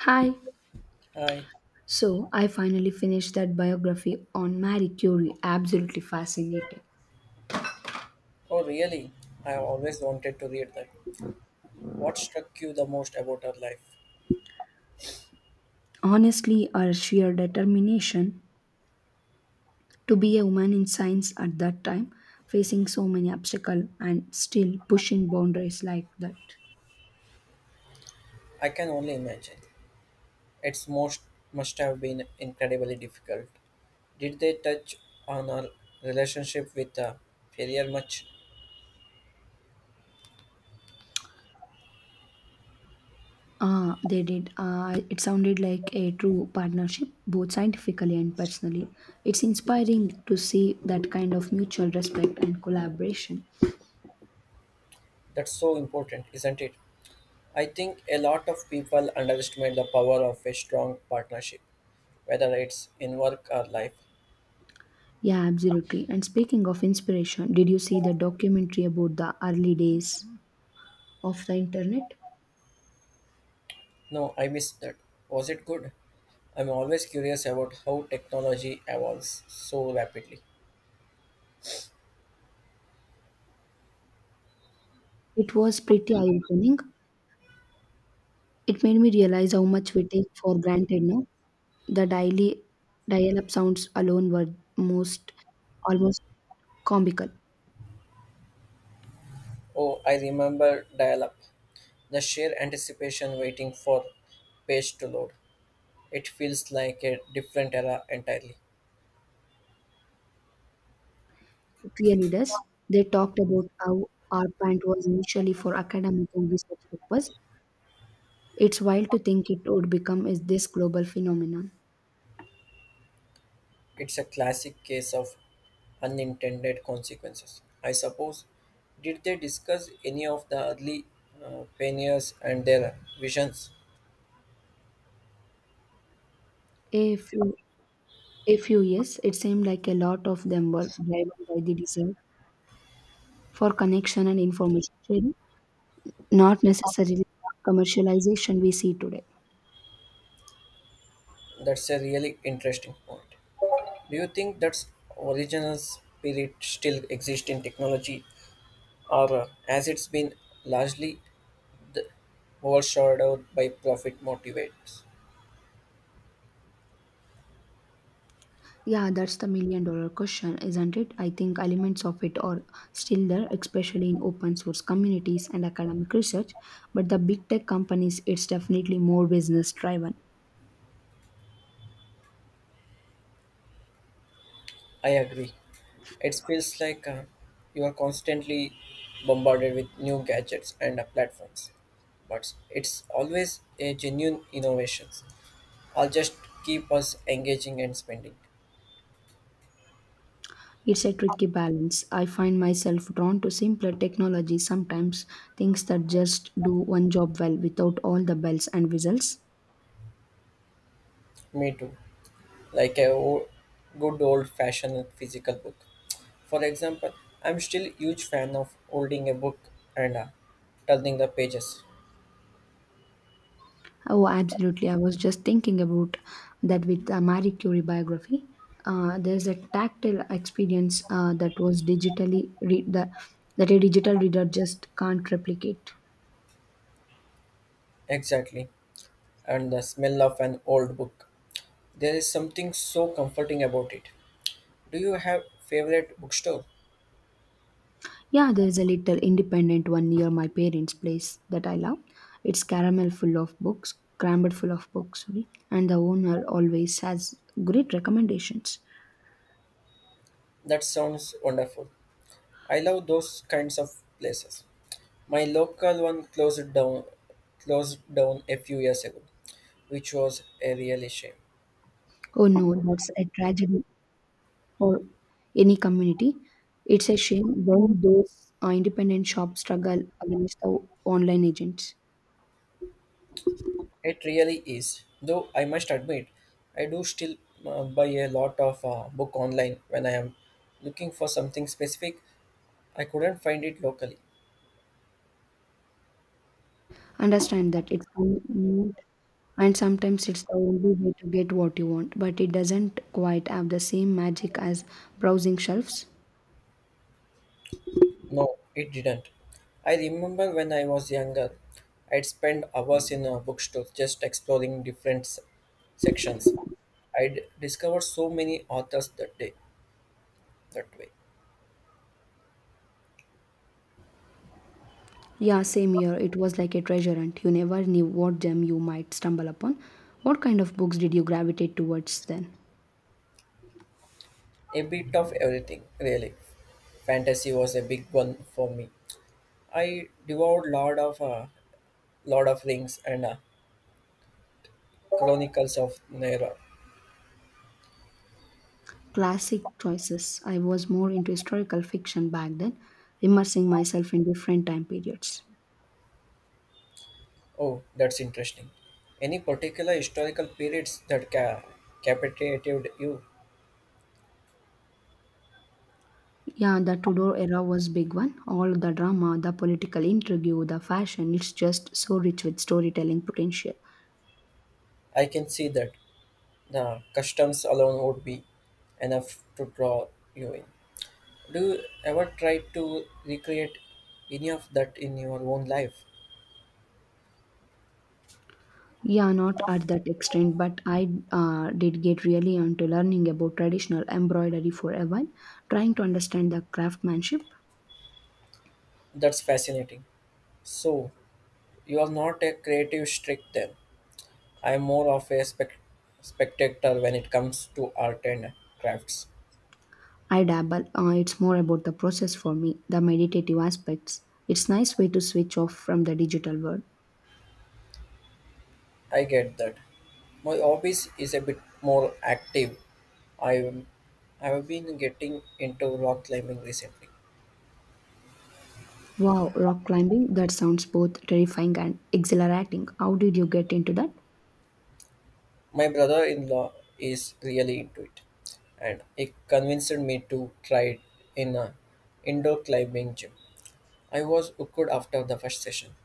Hi. I, So I finally finished that biography on Marie Curie. Absolutely fascinating. oh really? I have always wanted to read that. What struck you the most about her life? Honestly, her sheer determination to be a woman in science at that time, facing so many obstacles and still pushing boundaries like that. I can only imagine. It's most must have been incredibly difficult. Did they touch on her relationship with failure much? Ah, they did. It sounded like a true partnership, both scientifically and personally. It's inspiring to see that kind of mutual respect and collaboration. That's so important, isn't it? I think a lot of people underestimate the power of a strong partnership, whether it's in work or life. Yeah, absolutely. And speaking of inspiration, did you see the documentary about the early days of the internet? No, I missed that. Was it good? I'm always curious about how technology evolves so rapidly. It was pretty eye-opening. It made me realize how much we take for granted now. The daily dial-up sounds alone were most almost comical. Oh, I remember dial up. The sheer anticipation waiting for page to load. It feels like a different era entirely. It really does. They talked about how our plant was initially for academic and research purpose. It's wild to think it would become is this global phenomenon. It's a classic case of unintended consequences. I suppose. Did they discuss any of the early pioneers and their visions? A few A few years, it seemed like a lot of them were driven by the desire for connection and information sharing, not necessarily the commercialization we see today. That's a really interesting point. Do you think that's original spirit still exists in technology, or has it been largely overshadowed by profit motivates. Yeah, that's the million dollar question, isn't it? I think elements of it are still there, especially in open source communities and academic research, but the big tech companies, it's definitely more business driven. I agree. It feels like you are constantly bombarded with new gadgets and platforms, but it's always a genuine innovations. I'll just keep us engaging and spending. It's a tricky balance. I find myself drawn to simpler technology sometimes, things that just do one job well without all the bells and whistles. Me too. Like a good old-fashioned physical book. For example, I'm still huge fan of holding a book and turning the pages. Oh, absolutely. I was just thinking about that with the Marie Curie biography. There's a tactile experience that was digitally read that a digital reader just can't replicate. Exactly, and the smell of an old book. There is something so comforting about it. Do you have favorite bookstore? Yeah, there's a little independent one near my parents' place that I love. It's caramel full of books, crammed full of books, sorry, and the owner always has great recommendations. That sounds wonderful. I love those kinds of places. My local one closed down a few years ago, which was a really shame. Oh no, that's a tragedy or any community. It's a shame when those independent shops struggle against the online agents. It really is. Though I must admit, I do still buy a lot of book online when I am looking for something specific. I couldn't find it locally. Understand that it's convenient and sometimes it's the only way to get what you want, but it doesn't quite have the same magic as browsing shelves. No, it didn't. I remember when I was younger, I'd spend hours in a bookstore just exploring different sections. I'd discover so many authors that way. Yeah, same here. It was like a treasure hunt. You never knew what gem you might stumble upon. What kind of books did you gravitate towards then? A bit of everything, really. Fantasy was a big one for me. I devoured lot of Lord of Rings and Chronicles of Narnia. Classic choices. I was more into historical fiction back then, immersing myself in different time periods. Oh, that's interesting. Any particular historical periods that captivated you? Yeah, the Tudor era was big one. All the drama, the political intrigue, the fashion, it's just so rich with storytelling potential. I can see that. The customs alone would be enough to draw you in. Do you ever try to recreate any of that in your own life? Yeah, not at that extent, but I did get really into learning about traditional embroidery for a while, trying to understand the craftsmanship. That's fascinating. So, you are not a creative streak then. I am more of a spectator when it comes to art and crafts. I dabble. It's more about the process for me, the meditative aspects. It's nice way to switch off from the digital world. I get that. My hobbies is a bit more active. I I have been getting into rock climbing recently. Wow, rock climbing, that sounds both terrifying and exhilarating. How did you get into that? My brother in law is really into it, and he convinced me to try it in a indoor climbing gym. I was hooked after the first session.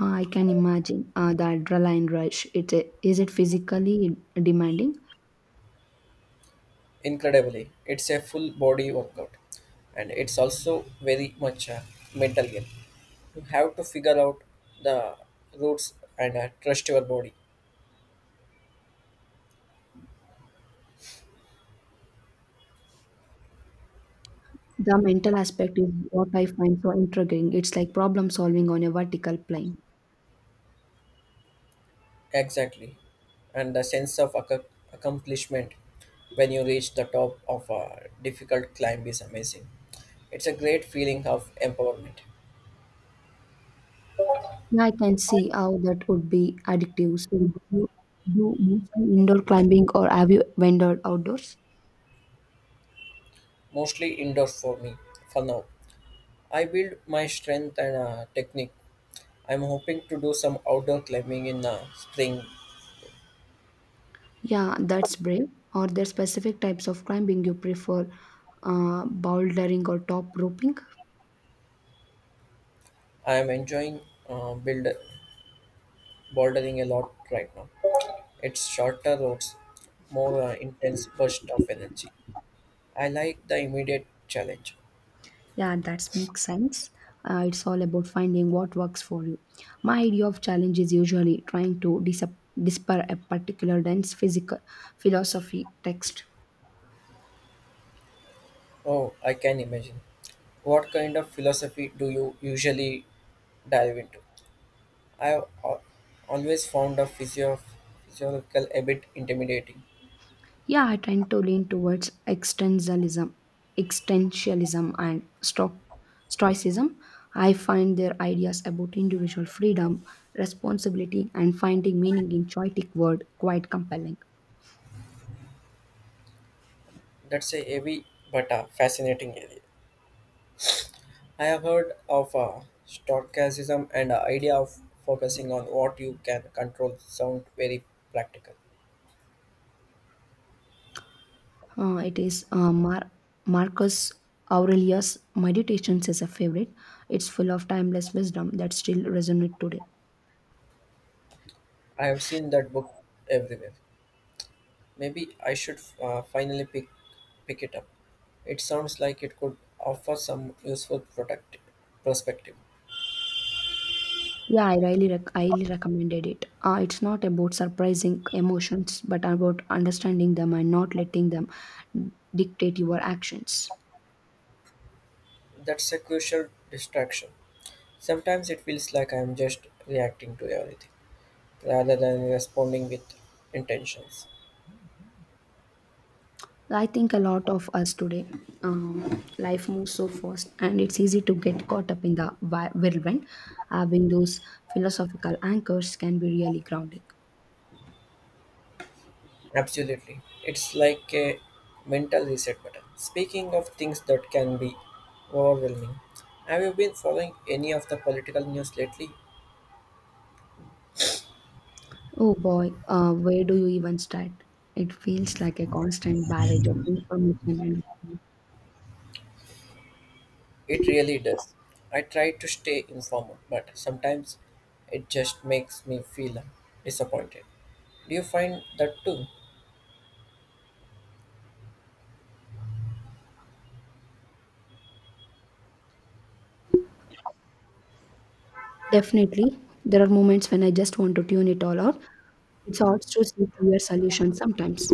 I can imagine the adrenaline rush. Is it physically demanding? Incredibly, it's a full body workout, and it's also very much a mental game. You have to figure out the routes and trust your body. The mental aspect is what I find so intriguing. It's like problem solving on a vertical plane. Exactly. And the sense of accomplishment when you reach the top of a difficult climb is amazing. It's a great feeling of empowerment, Yeah, I can see how that would be addictive. So, do you do mostly indoor climbing or have you ventured outdoors? mostly indoors for me for now. I build my strength and technique. I'm hoping to do some outdoor climbing in the spring. Yeah, that's brave. Are there specific types of climbing you prefer, bouldering or top roping? I am enjoying build bouldering a lot right now. It's shorter routes, more intense burst of energy. I like the immediate challenge. Yeah, that makes sense. It's all about finding what works for you. My idea of challenge is usually trying to disper a particular dense physical philosophy text. Oh, I can imagine. What kind of philosophy do you usually dive into? I have always found a physiological a bit intimidating. Yeah, I tend to lean towards existentialism and stoicism. I find their ideas about individual freedom, responsibility, and finding meaning in chaotic world quite compelling. That's a heavy but a fascinating area. I have heard of stochasm and the idea of focusing on what you can control sound very practical. It is Marcus Aurelius' Meditations is a favorite. It's full of timeless wisdom that still resonates today. I have seen that book everywhere. Maybe I should finally pick it up. It sounds like it could offer some useful product perspective. Yeah, I highly recommended it. It's not about surprising emotions, but about understanding them and not letting them dictate your actions. That's a crucial distraction. Sometimes it feels like I'm just reacting to everything rather than responding with intentions. I think a lot of us today, life moves so fast, and it's easy to get caught up in the whirlwind. Having those philosophical anchors can be really grounding. Absolutely. It's like a mental reset button. Speaking of things that can be overwhelming, have you been following any of the political news lately? Oh boy, where do you even start? It feels like a constant barrage of information and It really does. I try to stay informal, but sometimes it just makes me feel disappointed. Do you find that too? definitely there are moments when I just want to tune it all out. It's hard to see clear solutions sometimes.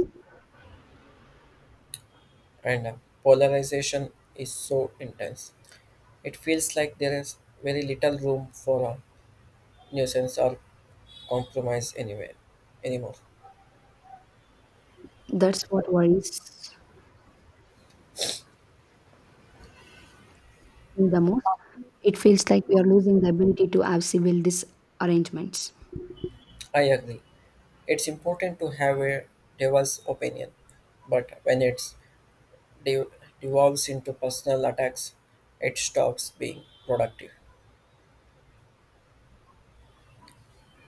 And polarization is so intense. It feels like there is very little room for a nuisance or compromise anywhere anymore. That's what worries me the most. It feels like we are losing the ability to have civil disarrangements. I agree. It's important to have a diverse opinion, but when it's de- devolves into personal attacks, it stops being productive.